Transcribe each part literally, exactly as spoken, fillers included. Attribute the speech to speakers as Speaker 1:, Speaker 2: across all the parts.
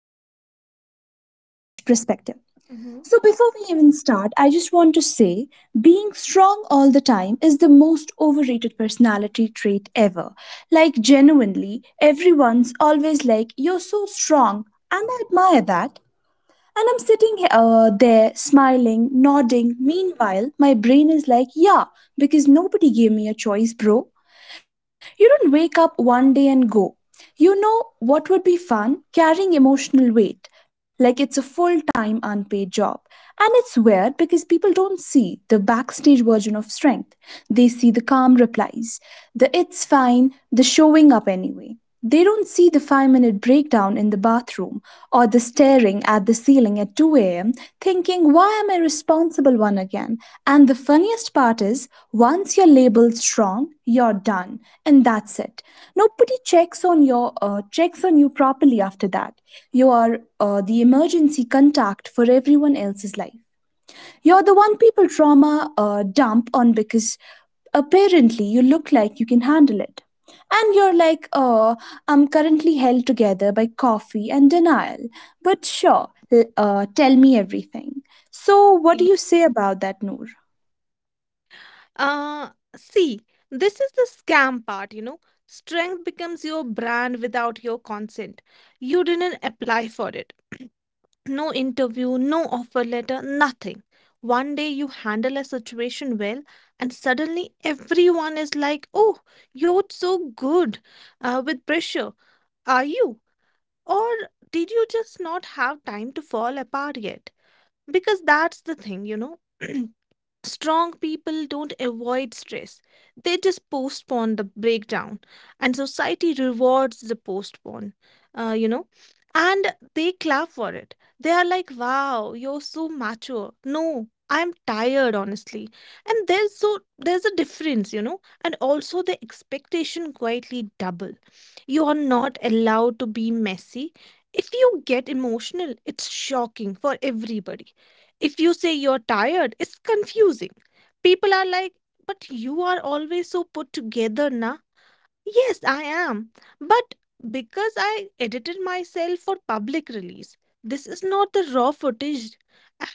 Speaker 1: and, uh, you know, fresh perspective. So, before we
Speaker 2: Mm-hmm.
Speaker 1: even start, I just want to say being strong all the time is the most overrated personality trait ever. Like, genuinely, everyone's always like, "You're so strong." And I admire that. And I'm sitting he- uh, there smiling, nodding. Meanwhile, my brain is like, yeah, because nobody gave me a choice, bro. You don't wake up one day and go. You know what would be fun? Carrying emotional weight, like it's a full time unpaid job. And it's weird because people don't see the backstage version of strength. They see the calm replies, the it's fine, the showing up anyway. They don't see the five minute breakdown in the bathroom or the staring at the ceiling at two a m thinking, why am I responsible one again? And the funniest part is, once you're labeled strong, you're done. And that's it. Nobody checks on your uh, checks on you properly after that. You are uh, the emergency contact for everyone else's life. You're the one people trauma uh, dump on because apparently you look like you can handle it. And you're like, oh, I'm currently held together by coffee and denial. But sure, l- uh, tell me everything. So, what do
Speaker 2: Yeah.
Speaker 1: you say about that, Noor?
Speaker 2: Uh, see, this is the scam part, you know. Strength becomes your brand without your consent. You didn't apply for it. No interview, no offer letter, nothing. One day you handle a situation well, and suddenly everyone is like, oh, you're so good uh, with pressure. Are you? Or did you just not have time to fall apart yet? Because that's the thing, you know. Strong people don't avoid stress, they just postpone the breakdown, and society rewards the postpone, uh, you know and they clap for it. They are like, wow, you're so mature. No, I'm tired, honestly. And there's so there's a difference, you know and also the expectation quietly double. You are not allowed to be messy. If you get emotional, it's shocking for everybody. If you say you're tired, it's confusing. People are like, but you are always so put together, na? Yes, I am. But because I edited myself for public release, this is not the raw footage.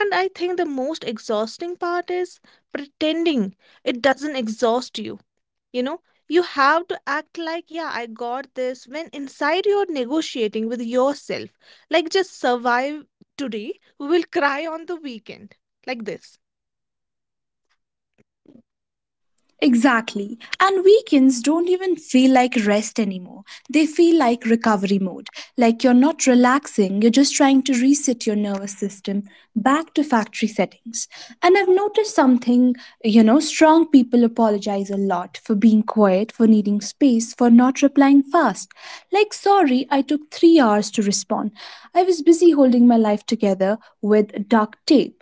Speaker 2: And I think the most exhausting part is pretending it doesn't exhaust you you know You have to act like, yeah, I got this, when inside you're negotiating with yourself, like, just survive today, we will cry on the weekend, like this.
Speaker 1: Exactly. And weekends don't even feel like rest anymore. They feel like recovery mode. Like you're not relaxing, you're just trying to reset your nervous system back to factory settings. And I've noticed something, you know, strong people apologize a lot for being quiet, for needing space, for not replying fast. Like, sorry, I took three hours to respond. I was busy holding my life together with duct tape.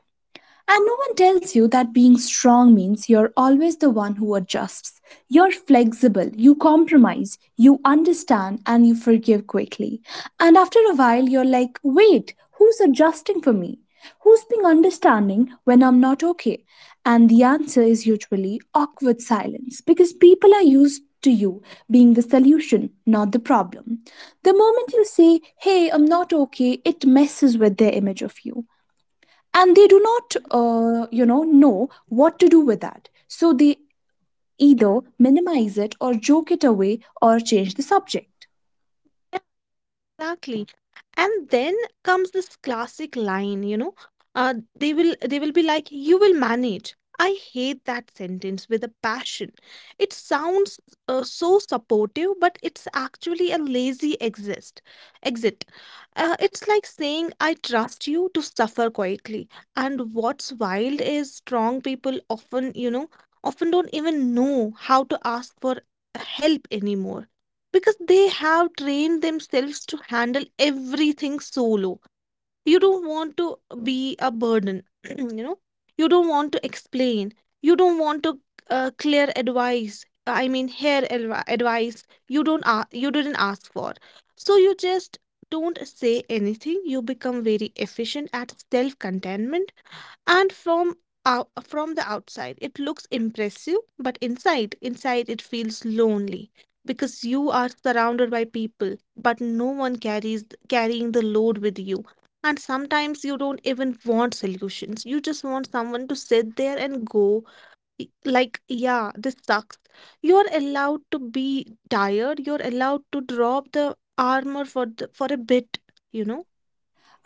Speaker 1: And no one tells you that being strong means you're always the one who adjusts. You're flexible, you compromise, you understand, and you forgive quickly. And after a while, you're like, wait, who's adjusting for me? Who's being understanding when I'm not okay? And the answer is usually awkward silence because people are used to you being the solution, not the problem. The moment you say, hey, I'm not okay, it messes with their image of you and they do not uh, you know know what to do with that, so they either minimize it or joke it away or change the subject.
Speaker 2: Exactly. And then comes this classic line, you know, uh, they will they will be like, you will manage. I hate that sentence with a passion. It sounds uh, so supportive, but it's actually a lazy exist exit. Uh, it's like saying, I trust you to suffer quietly. And what's wild is strong people often, you know, often don't even know how to ask for help anymore, because they have trained themselves to handle everything solo. You don't want to be a burden. you know you don't want to explain, you don't want to uh, clear advice, I mean, hair advi- advice you don't a you didn't ask for. So you just don't say anything. You become very efficient at self contentment. And from out, from the outside, it looks impressive, but inside inside it feels lonely, because you are surrounded by people, but no one carries carrying the load with you. And sometimes you don't even want solutions, you just want someone to sit there and go, y- like, yeah, this sucks. You're allowed to be tired, you're allowed to drop the armor for the, for a bit you know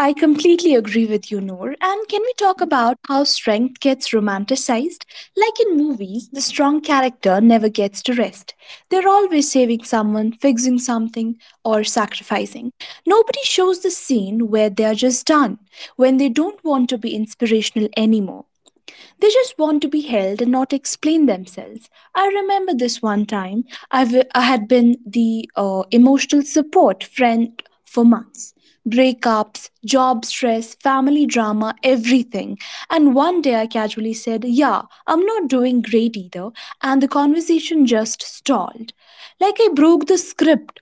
Speaker 1: I completely agree with you, Noor. And can we talk about how strength gets romanticized? Like in movies, the strong character never gets to rest. They're always saving someone, fixing something, or sacrificing. Nobody shows the scene where they are just done, when they don't want to be inspirational anymore. They just want to be held and not explain themselves. I remember this one time I w- I had been the uh, emotional support friend for months. Breakups, job stress, family drama, everything. And one day I casually said, "Yeah, I'm not doing great either." And the conversation just stalled. Like I broke the script.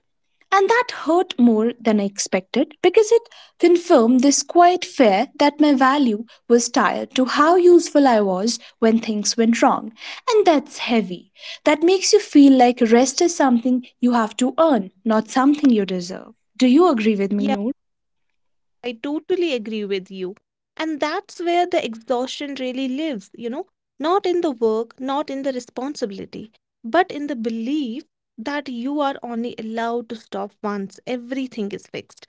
Speaker 1: And that hurt more than I expected because it confirmed this quiet fear that my value was tied to how useful I was when things went wrong. And that's heavy. That makes you feel like rest is something you have to earn, not something you deserve. Do you agree with me, Noor?
Speaker 2: I totally agree with you. And that's where the exhaustion really lives, you know, not in the work, not in the responsibility, but in the belief that you are only allowed to stop once everything is fixed.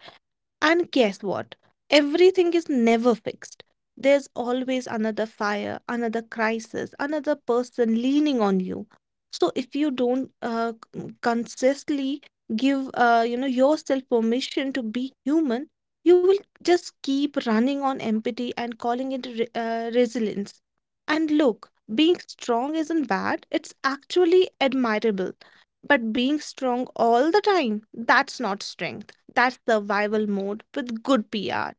Speaker 2: And guess what? Everything is never fixed. There's always another fire, another crisis, another person leaning on you. So if you don't uh, c- consistently give uh, you know yourself permission to be human, you will just keep running on empathy and calling it re- uh, resilience. And look, being strong isn't bad. It's actually admirable. But being strong all the time, that's not strength. That's survival mode with good P R.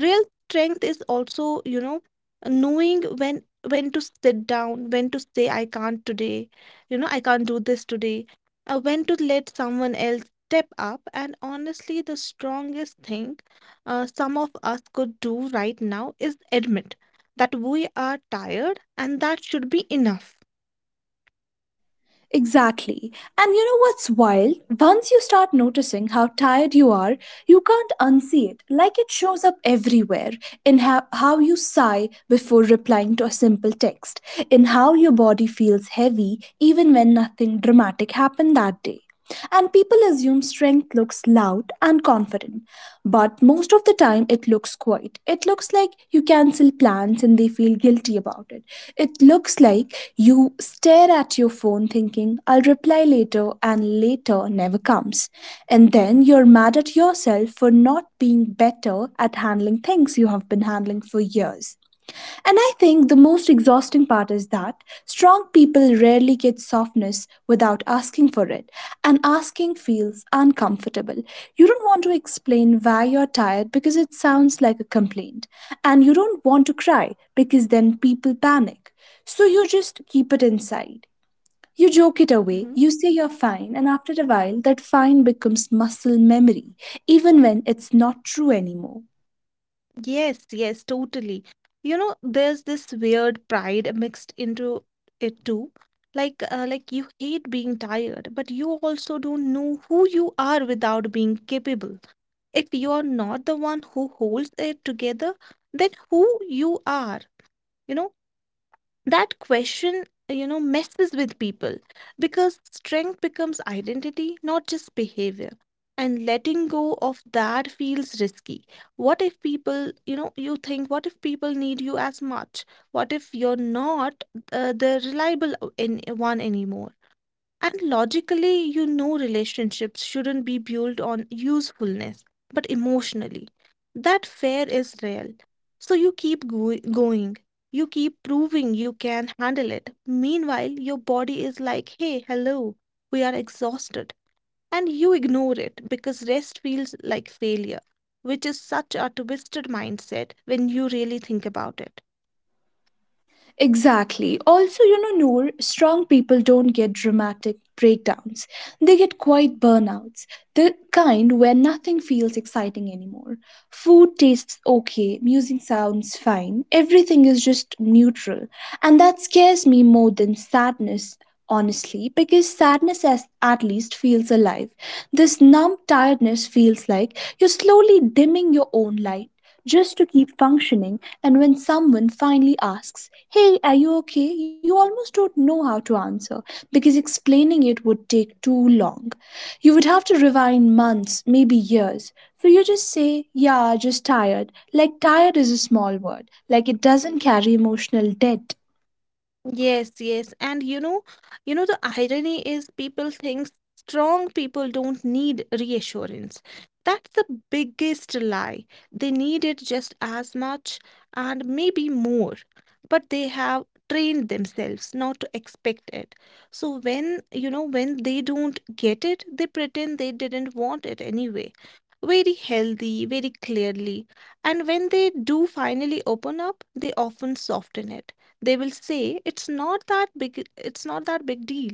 Speaker 2: Real strength is also, you know, knowing when when to sit down, when to say I can't today, you know, I can't do this today, uh, when to let someone else step up. And honestly, the strongest thing uh, some of us could do right now is admit that we are tired, and that should be enough.
Speaker 1: Exactly. And you know what's wild? Once you start noticing how tired you are, you can't unsee it. Like it shows up everywhere, in how, how you sigh before replying to a simple text, in how your body feels heavy even when nothing dramatic happened that day. And people assume strength looks loud and confident. But most of the time, it looks quiet. It looks like you cancel plans and they feel guilty about it. It looks like you stare at your phone thinking, I'll reply later, and later never comes. And then you're mad at yourself for not being better at handling things you have been handling for years. And I think the most exhausting part is that strong people rarely get softness without asking for it, and asking feels uncomfortable. You don't want to explain why you're tired because it sounds like a complaint, and you don't want to cry because then people panic. So you just keep it inside. You joke it away,
Speaker 2: Mm-hmm.
Speaker 1: you say you're fine, and after a while, that fine becomes muscle memory, even when it's not true anymore.
Speaker 2: Yes, yes, totally. You know, there's this weird pride mixed into it too. Like, uh, like you hate being tired, but you also don't know who you are without being capable. If you are not the one who holds it together, then who you are, you know? That question you know messes with people, because strength becomes identity, not just behavior. And letting go of that feels risky. What if people, you know you think, what if people need you as much? What if you're not uh, the reliable o- an- one anymore? And logically, you know relationships shouldn't be built on usefulness, but emotionally. That fear is real. So you keep go- going. You keep proving you can handle it. Meanwhile, your body is like, hey, hello, we are exhausted. And you ignore it because rest feels like failure, which is such a twisted mindset when you really think about it.
Speaker 1: Exactly. Also, you know, Noor, strong people don't get dramatic breakdowns. They get quiet burnouts, the kind where nothing feels exciting anymore. Food tastes okay, music sounds fine, everything is just neutral. And that scares me more than sadness, honestly, because sadness as, at least feels alive. This numb tiredness feels like you're slowly dimming your own light just to keep functioning. And when someone finally asks, "Hey, are you okay?" you almost don't know how to answer because explaining it would take too long. You would have to rewind months, maybe years. So you just say, "Yeah, just tired." Like, tired is a small word, like, it doesn't carry emotional debt.
Speaker 2: Yes, yes. And you know, you know, the irony is people think strong people don't need reassurance. That's the biggest lie. They need it just as much, and maybe more, but they have trained themselves not to expect it. So when, you know, when they don't get it, they pretend they didn't want it anyway. Very healthy, very clearly. And when they do finally open up, they often soften it. They will say, it's not that big it's not that big deal,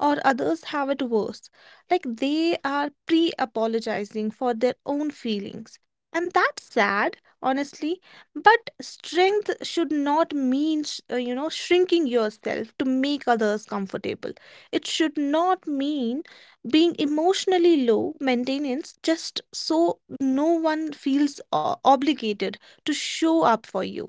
Speaker 2: or others have it worse. Like they are pre-apologizing for their own feelings. And that's sad, honestly, but strength should not mean, sh- uh, you know, shrinking yourself to make others comfortable. It should not mean being emotionally low maintenance just so no one feels o- obligated to show up for you.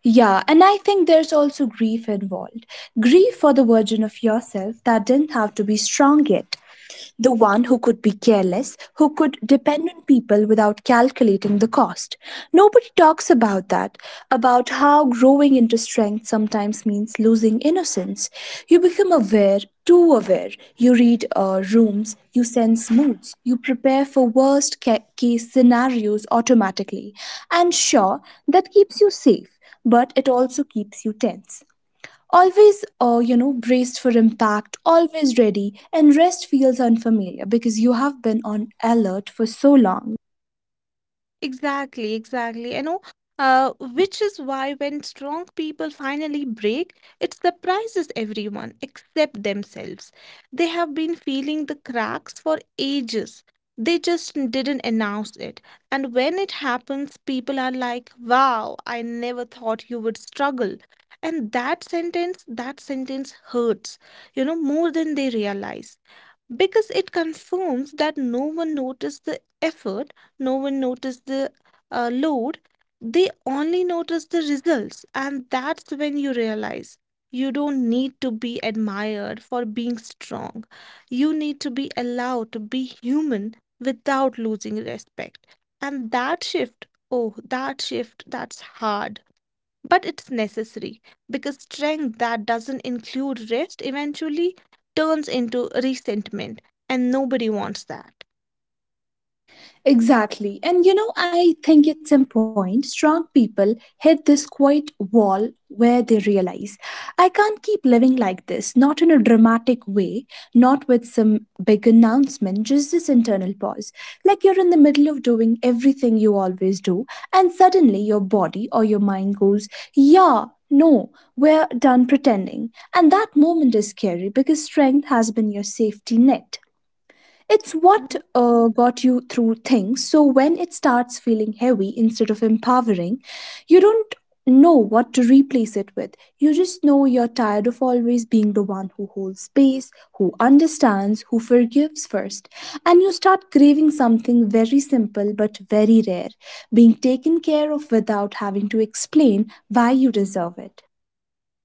Speaker 1: Yeah, and I think there's also grief involved. Grief for the version of yourself that didn't have to be strong yet, the one who could be careless, who could depend on people without calculating the cost. Nobody talks about that, about how growing into strength sometimes means losing innocence. You become aware, too aware. You read uh, rooms, you sense moods, you prepare for worst ca- case scenarios automatically. And sure, that keeps you safe, but it also keeps you tense, always uh, you know braced for impact, always ready. And rest feels unfamiliar because you have been on alert for so long.
Speaker 2: Exactly, exactly. You know, uh, which is why when strong people finally break, it surprises everyone except themselves. They have been feeling the cracks for ages. They just didn't announce it. And when it happens, people are like, wow, I never thought you would struggle. And that sentence, that sentence hurts, you know, more than they realize, because it confirms that no one noticed the effort, no one noticed the uh, load, they only notice the results. And that's when you realize you don't need to be admired for being strong. You need to be allowed to be human without losing respect. And that shift, oh, that shift, that's hard. But it's necessary, because strength that doesn't include rest eventually turns into resentment, and nobody wants that.
Speaker 1: Exactly. And you know, I think at some point, strong people hit this quiet wall where they realize I can't keep living like this, not in a dramatic way, not with some big announcement, just this internal pause. Like you're in the middle of doing everything you always do, and suddenly your body or your mind goes, yeah, no, we're done pretending. And that moment is scary because strength has been your safety net. It's what uh, got you through things. So when it starts feeling heavy instead of empowering, you don't know what to replace it with. You just know you're tired of always being the one who holds space, who understands, who forgives first. And you start craving something very simple but very rare, being taken care of without having to explain why you deserve it.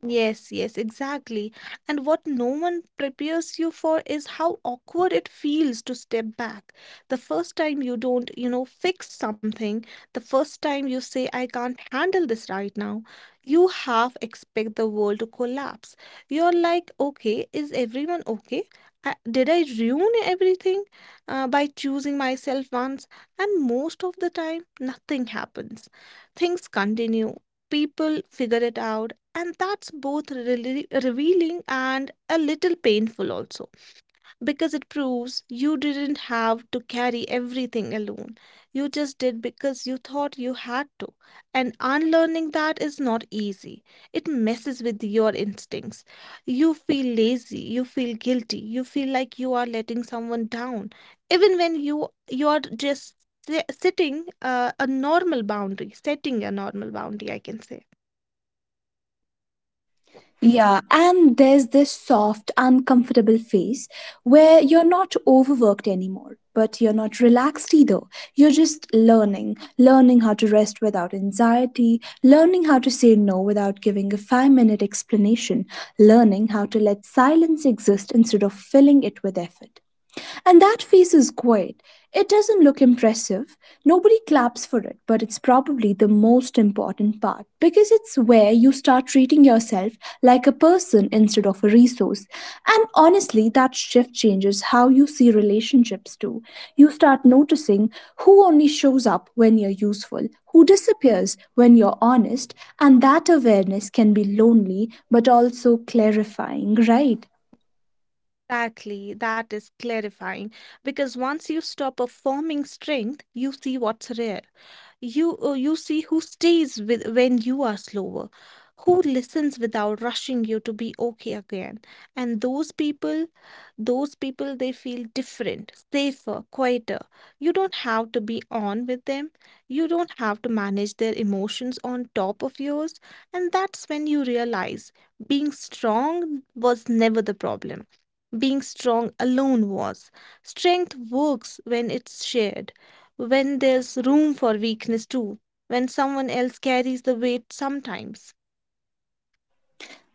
Speaker 2: Yes, yes, exactly. And what no one prepares you for is how awkward it feels to step back. The first time you don't, you know, fix something, the first time you say, I can't handle this right now, you half expect the world to collapse. You're like, okay, is everyone okay? I, did I ruin everything uh, by choosing myself once? And most of the time, nothing happens. Things continue. People figure it out, and that's both rele- revealing and a little painful also, because it proves you didn't have to carry everything alone. You just did because you thought you had to. And unlearning that is not easy. It messes with your instincts. You feel lazy, you feel guilty, you feel like you are letting someone down, even when you you are just si- sitting uh, a normal boundary, setting a normal boundary, I can say.
Speaker 1: Yeah, and there's this soft, uncomfortable phase where you're not overworked anymore, but you're not relaxed either. You're just learning, learning how to rest without anxiety, learning how to say no without giving a five minute explanation, learning how to let silence exist instead of filling it with effort. And that face is quiet. It doesn't look impressive. Nobody claps for it, but it's probably the most important part because it's where you start treating yourself like a person instead of a resource. And honestly, that shift changes how you see relationships too. You start noticing who only shows up when you're useful, who disappears when you're honest, and that awareness can be lonely but also clarifying, right?
Speaker 2: Exactly, that is clarifying, because once you stop performing strength, you see what's rare. You uh, you see who stays with when you are slower, who listens without rushing you to be okay again. And those people, those people, they feel different, safer, quieter. You don't have to be on with them. You don't have to manage their emotions on top of yours, and that's when you realize being strong was never the problem, being strong alone was. Strength works when it's shared, when there's room for weakness too, when someone else carries the weight sometimes.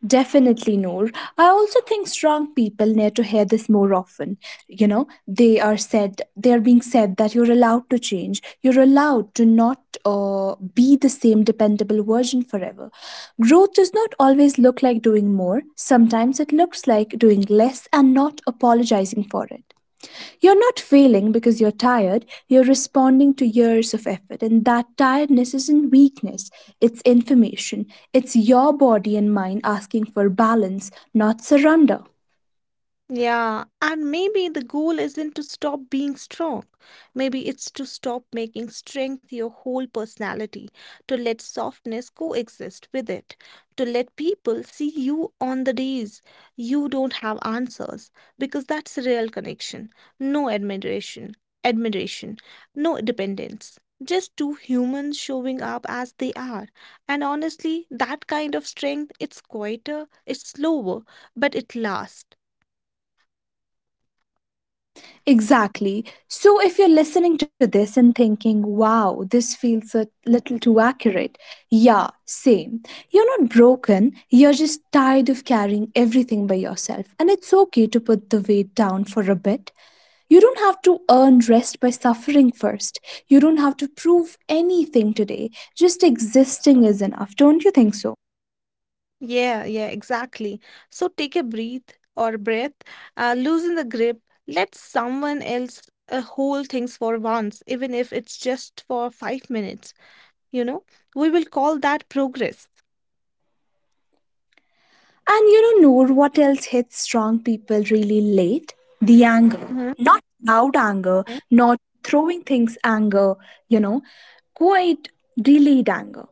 Speaker 1: Definitely, Noor. I also think strong people need to hear this more often. You know, they are said, they are being said that you're allowed to change. You're allowed to not uh, be the same dependable version forever. Growth does not always look like doing more. Sometimes it looks like doing less and not apologizing for it. You're not failing because you're tired, you're responding to years of effort, and that tiredness isn't weakness, it's information. It's your body and mind asking for balance, not surrender.
Speaker 2: Yeah, and maybe the goal isn't to stop being strong. Maybe it's to stop making strength your whole personality, to let softness coexist with it, to let people see you on the days you don't have answers, because that's real connection. No admiration, admiration, no dependence. Just two humans showing up as they are. And honestly, that kind of strength, it's quieter, it's slower, but it lasts.
Speaker 1: Exactly. So, if you're listening to this and thinking, wow, this feels a little too accurate, yeah, same. You're not broken, you're just tired of carrying everything by yourself, and it's okay to put the weight down for a bit. You don't have to earn rest by suffering first. You don't have to prove anything today. Just existing is enough, don't you think so?
Speaker 2: Yeah, yeah, exactly. So take a breath or breath, uh, loosen the grip, let someone else uh, hold things for once, even if it's just for five minutes, you know? We will call that progress.
Speaker 1: And you know, Noor, what else hits strong people really late? The anger.
Speaker 2: Hmm.
Speaker 1: Not loud anger,
Speaker 2: Yeah.
Speaker 1: not throwing things anger, you know, quite delayed anger.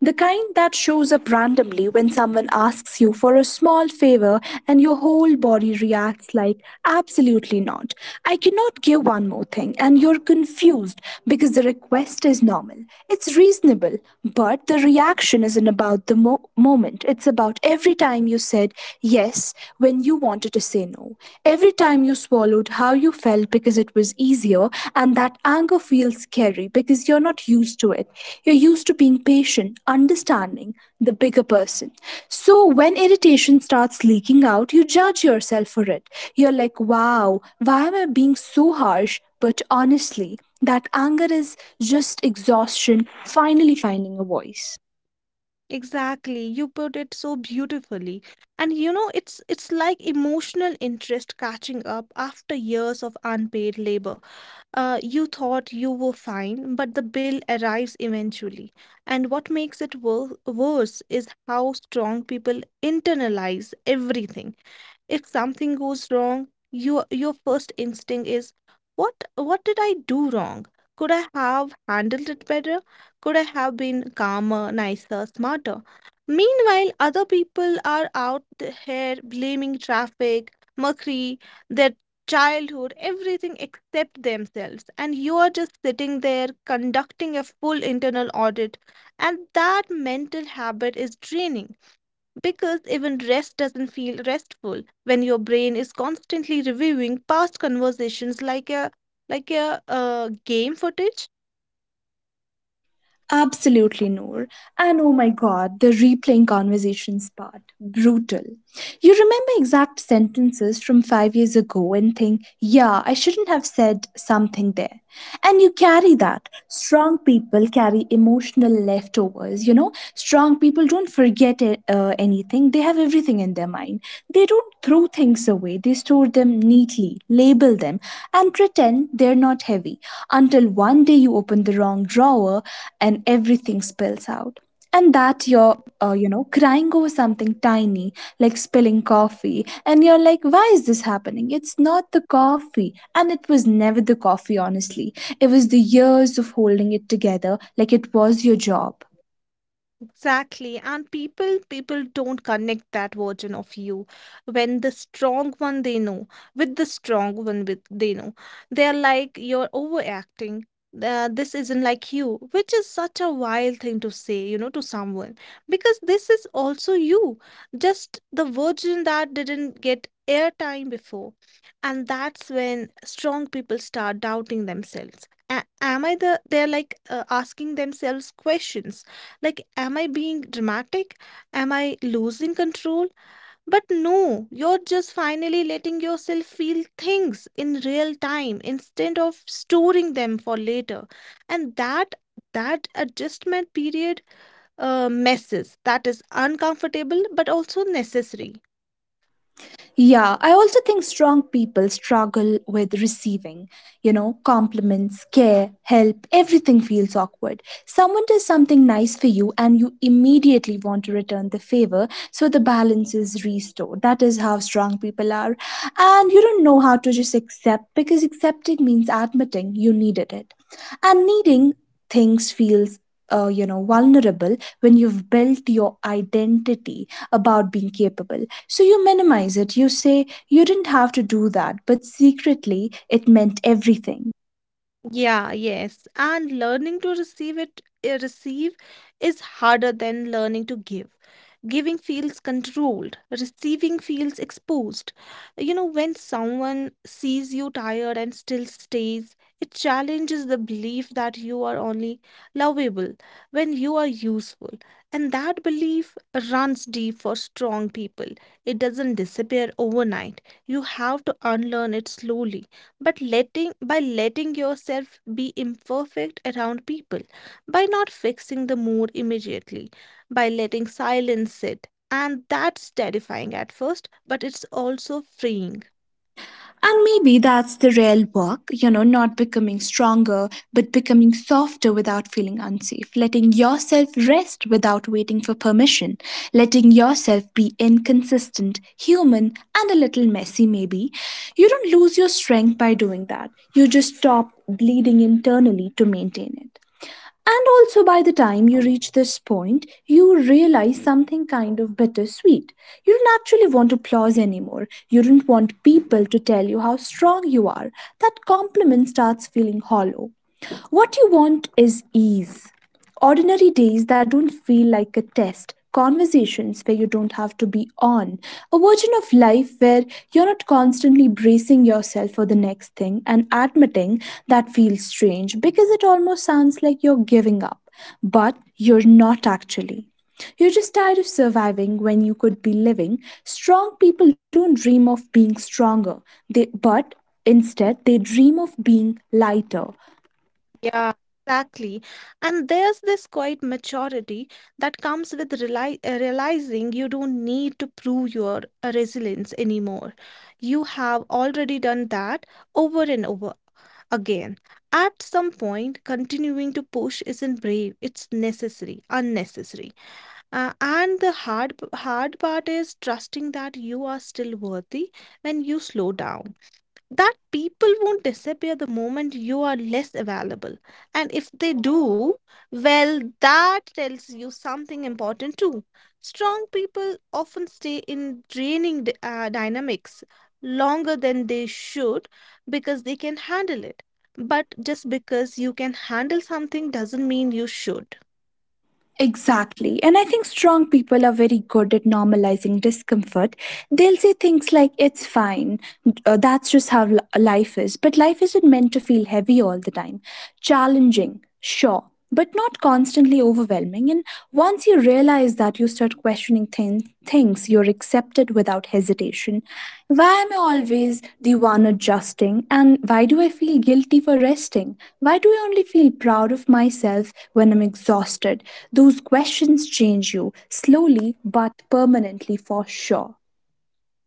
Speaker 1: The kind that shows up randomly when someone asks you for a small favor and your whole body reacts like, absolutely not. I cannot give one more thing. And you're confused because the request is normal. It's reasonable, but the reaction isn't about the mo- moment. It's about every time you said yes when you wanted to say no, every time you swore swallowed how you felt because it was easier, and that anger feels scary because you're not used to it. You're used to being patient, understanding the bigger person. So when irritation starts leaking out, you judge yourself for it. You're like, wow, why am I being so harsh? But honestly, that anger is just exhaustion finally finding a voice.
Speaker 2: Exactly. You put it so beautifully. And you know, it's it's like emotional interest catching up after years of unpaid labor. Uh, you thought you were fine, but the bill arrives eventually. And what makes it wor- worse is how strong people internalize everything. If something goes wrong, your your first instinct is, what what did I do wrong? Could I have handled it better? Could I have been calmer, nicer, smarter? Meanwhile, other people are out here blaming traffic, mercury, their childhood, everything except themselves. And you are just sitting there conducting a full internal audit, and that mental habit is draining. Because even rest doesn't feel restful when your brain is constantly reviewing past conversations like a like a uh, game footage.
Speaker 1: Absolutely, Noor. And oh my god, the replaying conversations part. Brutal. You remember exact sentences from five years ago and think, yeah, I shouldn't have said something there. And you carry that. Strong people carry emotional leftovers, you know? Strong people don't forget uh, anything. They have everything in their mind. They don't throw things away, they store them neatly, label them, and pretend they're not heavy until one day you open the wrong drawer and everything spills out, and that you're uh, you know crying over something tiny like spilling coffee and you're like, why is this happening? It's not the coffee, and it was never the coffee, honestly. It was the years of holding it together like it was your job.
Speaker 2: Exactly. And people people don't connect that version of you when the strong one they know with the strong one with they know. They're like, you're overacting. Uh, this isn't like you, which is such a wild thing to say, you know, to someone because this is also you, just the version that didn't get airtime before. And that's when strong people start doubting themselves. A- am I the? They're like uh, asking themselves questions like, am I being dramatic? Am I losing control? But no, you're just finally letting yourself feel things in real time instead of storing them for later. And that that adjustment period uh, messes that is uncomfortable but also necessary.
Speaker 1: Yeah, I also think strong people struggle with receiving, you know, compliments, care, help, everything feels awkward. Someone does something nice for you and you immediately want to return the favor, so the balance is restored. That is how strong people are. And you don't know how to just accept because accepting means admitting you needed it. And needing things feels uh, you know, vulnerable when you've built your identity about being capable. So you minimize it. You say you didn't have to do that, but secretly it meant everything.
Speaker 2: Yeah, yes. And learning to receive it, uh, receive is harder than learning to give. Giving feels controlled, receiving feels exposed. You know, when someone sees you tired and still stays, it challenges the belief that you are only lovable when you are useful. And that belief runs deep for strong people. It doesn't disappear overnight. You have to unlearn it slowly but letting by letting yourself be imperfect around people, by not fixing the mood immediately, by letting silence sit, and that's terrifying at first but it's also freeing.
Speaker 1: And maybe that's the real work, you know, not becoming stronger, but becoming softer without feeling unsafe, letting yourself rest without waiting for permission, letting yourself be inconsistent, human, and a little messy, maybe. You don't lose your strength by doing that. You just stop bleeding internally to maintain it. And also, by the time you reach this point, you realize something kind of bittersweet. You don't actually want applause anymore. You don't want people to tell you how strong you are. That compliment starts feeling hollow. What you want is ease, ordinary days that don't feel like a test, conversations where you don't have to be on, a version of life where you're not constantly bracing yourself for the next thing, and admitting that feels strange because it almost sounds like you're giving up, but you're not actually. You're just tired of surviving when you could be living. Strong people don't dream of being stronger, they, but instead they dream of being lighter.
Speaker 2: Yeah, exactly. And there's this quiet maturity that comes with reali- uh, realizing you don't need to prove your uh, resilience anymore. You have already done that over and over again. At some point, continuing to push isn't brave, it's necessary, unnecessary. Uh, and the hard, p- hard part is trusting that you are still worthy when you slow down, that people won't disappear the moment you are less available. And if they do, well, that tells you something important too. Strong people often stay in draining d- uh, dynamics longer than they should because they can handle it. But just because you can handle something doesn't mean you should.
Speaker 1: Exactly. And I think strong people are very good at normalizing discomfort. They'll say things like, it's fine. Uh, that's just how li- life is. But life isn't meant to feel heavy all the time. Challenging, sure, but not constantly overwhelming. And once you realize that, you start questioning thin- things, you're accepted without hesitation. Why am I always the one adjusting? And why do I feel guilty for resting? Why do I only feel proud of myself when I'm exhausted? Those questions change you slowly but permanently, for sure.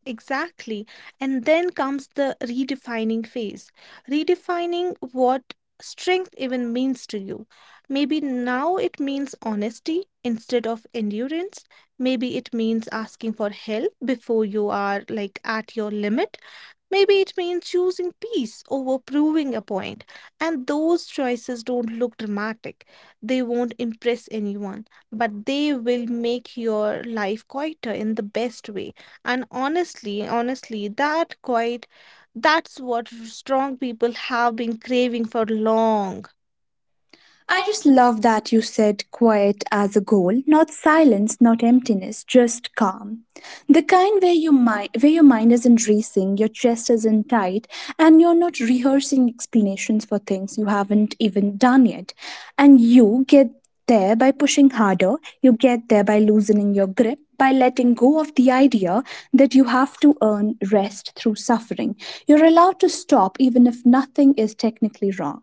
Speaker 2: Exactly. And then comes the redefining phase, redefining what strength even means to you. Maybe now it means honesty instead of endurance. Maybe it means asking for help before you are like at your limit. Maybe it means choosing peace over proving a point, and those choices don't look dramatic. They won't impress anyone, but they will make your life quieter in the best way. And honestly, honestly, that quiet, that's what strong people have been craving for long.
Speaker 1: I just love that you said quiet as a goal, not silence, not emptiness, just calm. The kind where your mind where your mind isn't racing, your chest isn't tight, and you're not rehearsing explanations for things you haven't even done yet. And you get there by pushing harder, you get there by loosening your grip, by letting go of the idea that you have to earn rest through suffering. You're allowed to stop even if nothing is technically wrong.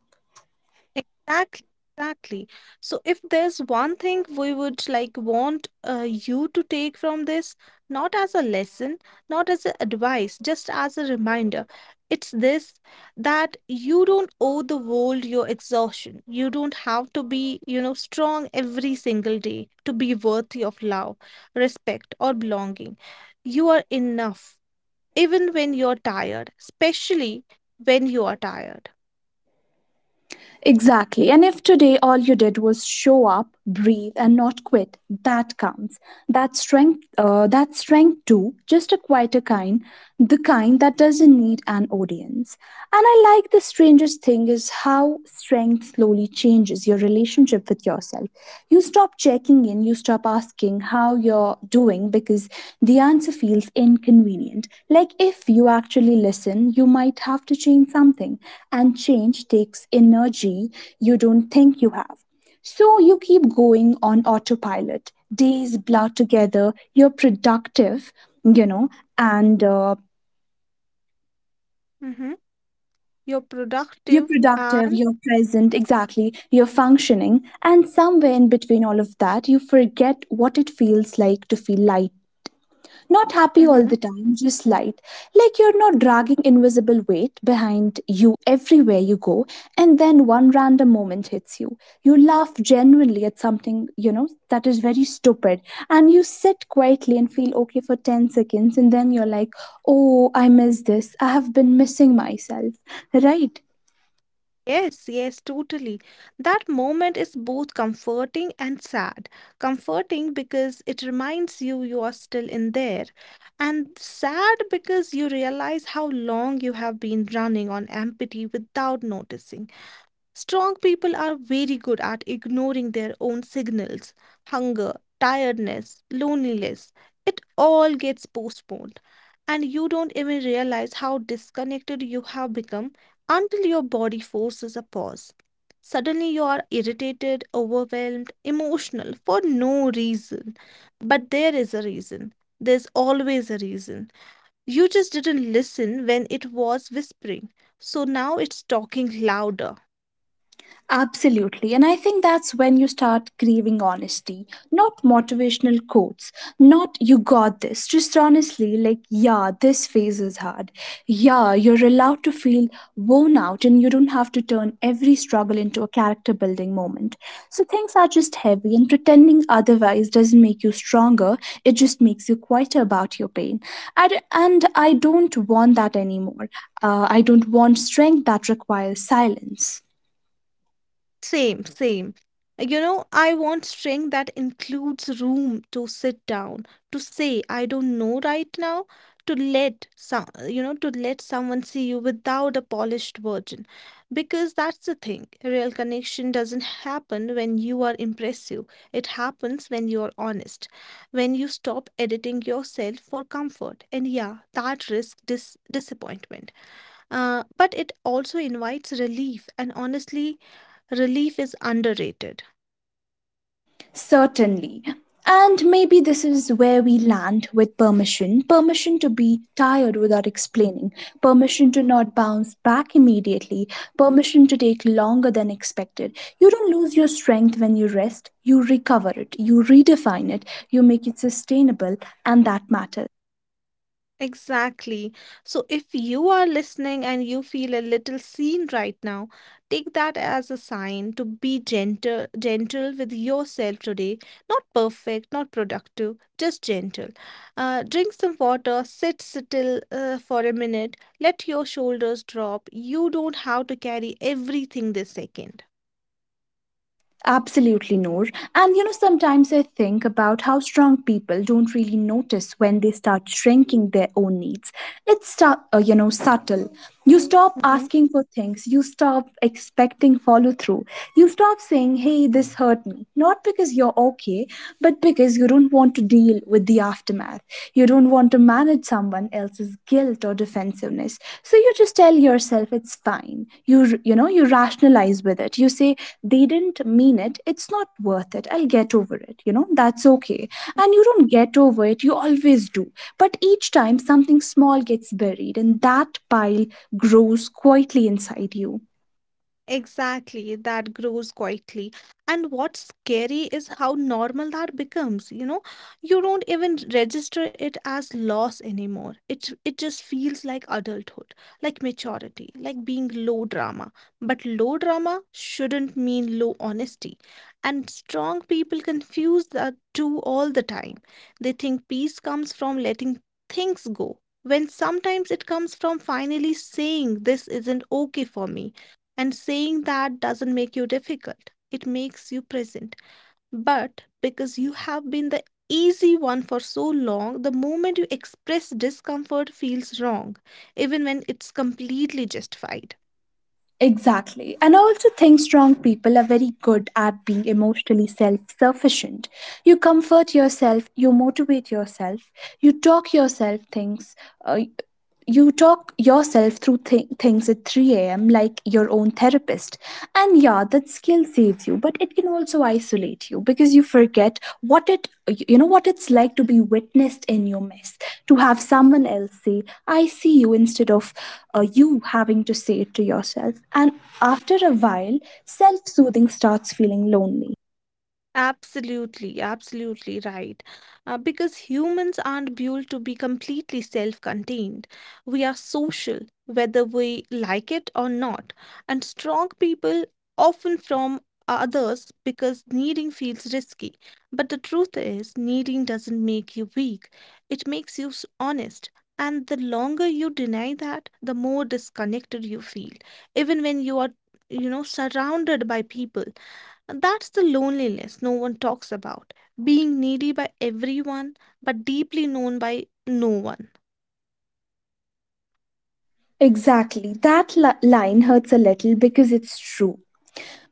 Speaker 2: Exactly, exactly. So if there's one thing we would like want uh, you to take from this, not as a lesson, not as a advice, just as a reminder, it's this, that you don't owe the world your exhaustion. You don't have to be, you know, strong every single day to be worthy of love, respect, or belonging. You are enough, even when you're tired, especially when you are tired.
Speaker 1: Exactly. And if today all you did was show up, breathe, and not quit, that counts. That strength, uh, that strength too, just a quieter kind, the kind that doesn't need an audience. And I like the strangest thing is how strength slowly changes your relationship with yourself. You stop checking in, you stop asking how you're doing because the answer feels inconvenient. Like if you actually listen, you might have to change something, and change takes energy you don't think you have. So you keep going on autopilot. Days blur together, you're productive, you know, and uh,
Speaker 2: Mm-hmm. You're
Speaker 1: you're
Speaker 2: productive
Speaker 1: productive,
Speaker 2: and
Speaker 1: you're present, exactly, you're functioning, and somewhere in between all of that, you forget what it feels like to feel light. Not happy all the
Speaker 2: Mhm.
Speaker 1: time, just light. Like you're not dragging invisible weight behind you everywhere you go, and then one random moment hits you. You laugh genuinely at something, you know, that is very stupid, and you sit quietly and feel okay for ten seconds, and then you're like, oh, I miss this. I have been missing myself, right?
Speaker 2: Yes, yes, totally. That moment is both comforting and sad. Comforting because it reminds you you are still in there, and sad because you realize how long you have been running on empty without noticing. Strong people are very good at ignoring their own signals: hunger, tiredness, loneliness. It all gets postponed, and you don't even realize how disconnected you have become until your body forces a pause. Suddenly, you are irritated, overwhelmed, emotional for no reason. But there is a reason. There's always a reason. You just didn't listen when it was whispering, so now it's talking louder.
Speaker 1: Absolutely. And I think that's when you start grieving honesty, not motivational quotes, not you got this, just honestly, like, yeah, this phase is hard. Yeah, you're allowed to feel worn out and you don't have to turn every struggle into a character building moment. So things are just heavy, and pretending otherwise doesn't make you stronger, it just makes you quieter about your pain. And, and I don't want that anymore. Uh, I don't want strength that requires silence.
Speaker 2: Same, same. You know, I want string that includes room to sit down, to say, I don't know right now, to let some, you know, to let someone see you without a polished version. Because that's the thing, real connection doesn't happen when you are impressive. It happens when you are honest, when you stop editing yourself for comfort. And yeah, that risks dis disappointment. Uh, but it also invites relief, and honestly, relief is underrated.
Speaker 1: Certainly. And maybe this is where we land with permission permission to be tired without explaining, permission to not bounce back immediately, permission to take longer than expected. You don't lose your strength when you rest, you recover it, you redefine it, you make it sustainable, and that matters.
Speaker 2: Exactly. So if you are listening and you feel a little seen right now, take that as a sign to be gentle gentle with yourself today. Not perfect, not productive, just gentle. Uh, drink some water, sit still uh, for a minute, let your shoulders drop. You don't have to carry everything this second.
Speaker 1: Absolutely, Noor. And you know, sometimes I think about how strong people don't really notice when they start shrinking their own needs. It's stu- uh, you know subtle. You stop
Speaker 2: Mhm.
Speaker 1: asking for things. You stop expecting follow through. You stop saying, "Hey, this hurt me," not because you're okay, but because you don't want to deal with the aftermath. You don't don't want to manage someone else's guilt or defensiveness, so you just tell yourself it's fine. You you know you rationalize with it, you say they didn't mean it, it's not worth it, I'll get over it, you know, that's okay. And you don't get over it, you always do, but each time something small gets buried, and that pile grows quietly inside you.
Speaker 2: Exactly, that grows quietly. And what's scary is how normal that becomes, you know? You don't even register it as loss anymore. It it just feels like adulthood, like maturity, like being low drama. But low drama shouldn't mean low honesty. And strong people confuse the two all the time. They think peace comes from letting things go, when sometimes it comes from finally saying this isn't okay for me. And saying that doesn't make you difficult, it makes you present. But because you have been the easy one for so long, the moment you express discomfort feels wrong, even when it's completely justified.
Speaker 1: Exactly. And I also think strong people are very good at being emotionally self sufficient. You comfort yourself, you motivate yourself, you talk yourself things, uh, you talk yourself through th- things at three a m like your own therapist. And yeah, that skill saves you, but it can also isolate you because you forget what it you know what it's like to be witnessed in your mess, to have someone else say, "I see you" instead of uh, you having to say it to yourself. And after a while, self-soothing starts feeling lonely.
Speaker 2: Absolutely, absolutely right. Uh, because humans aren't built to be completely self contained. We are social, whether we like it or not. And strong people often from others because needing feels risky. But the truth is, needing doesn't make you weak, it makes you s- honest. And the longer you deny that, the more disconnected you feel, even when you are, you know, surrounded by people, and that's the loneliness no one talks about. Being needy by everyone, but deeply known by no one.
Speaker 1: Exactly. That li- line hurts a little because it's true.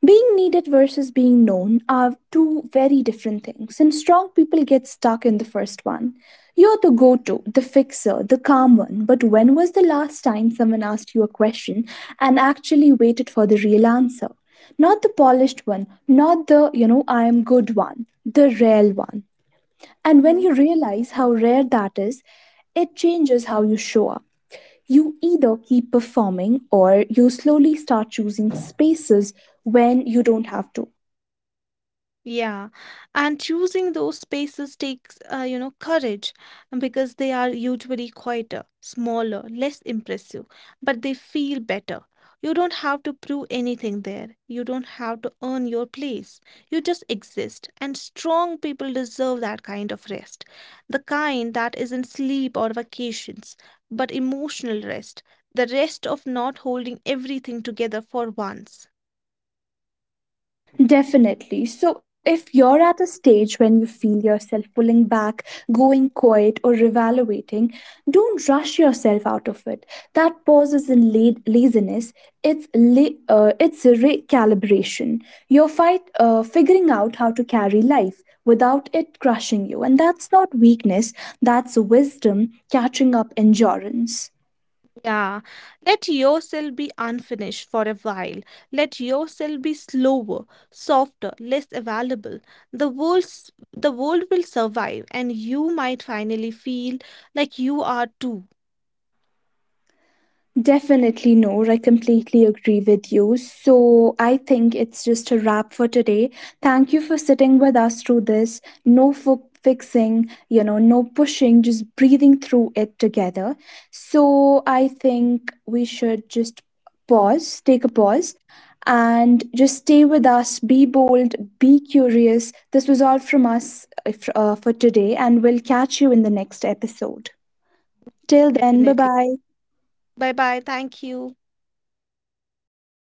Speaker 1: Being needed versus being known are two very different things, and strong people get stuck in the first one. You're the go to, the fixer, the calm one, but when was the last time someone asked you a question and actually waited for the real answer? Not the polished one, not the, you know, I am good one, the real one. And when
Speaker 2: Mm-hmm.
Speaker 1: you realize how rare that is, it changes how you show up. You either keep performing or you slowly start choosing spaces when you don't have to.
Speaker 2: Yeah, and choosing those spaces takes, uh, you know, courage because they are usually quieter, smaller, less impressive, but they feel better. You don't have to prove anything there. You don't have to earn your place. You just exist, and strong people deserve that kind of rest. The kind that isn't sleep or vacations, but emotional rest. The rest of not holding everything together for once.
Speaker 1: Definitely. So, if you're at a stage when you feel yourself pulling back, going quiet, or evaluating, don't rush yourself out of it. That pause isn't la- laziness, it's, la- uh, it's recalibration. You're fight, uh, figuring out how to carry life without it crushing you. And that's not weakness, that's wisdom catching up endurance.
Speaker 2: Yeah, let yourself be unfinished for a while. Let yourself be slower, softer, less available. The world's, the world will survive, and you might finally feel like you are too.
Speaker 1: Definitely, no. I completely agree with you. So, I think it's just a wrap for today. Thank you for sitting with us through this. No fo- fixing, you know, no pushing, just breathing through it together. So, I think we should just pause, take a pause, and just stay with us. Be bold, be curious. This was all from us uh, f- uh, for today, and we'll catch you in the next episode. Till then, bye
Speaker 2: Definitely.
Speaker 1: bye.
Speaker 2: Bye bye. Thank you.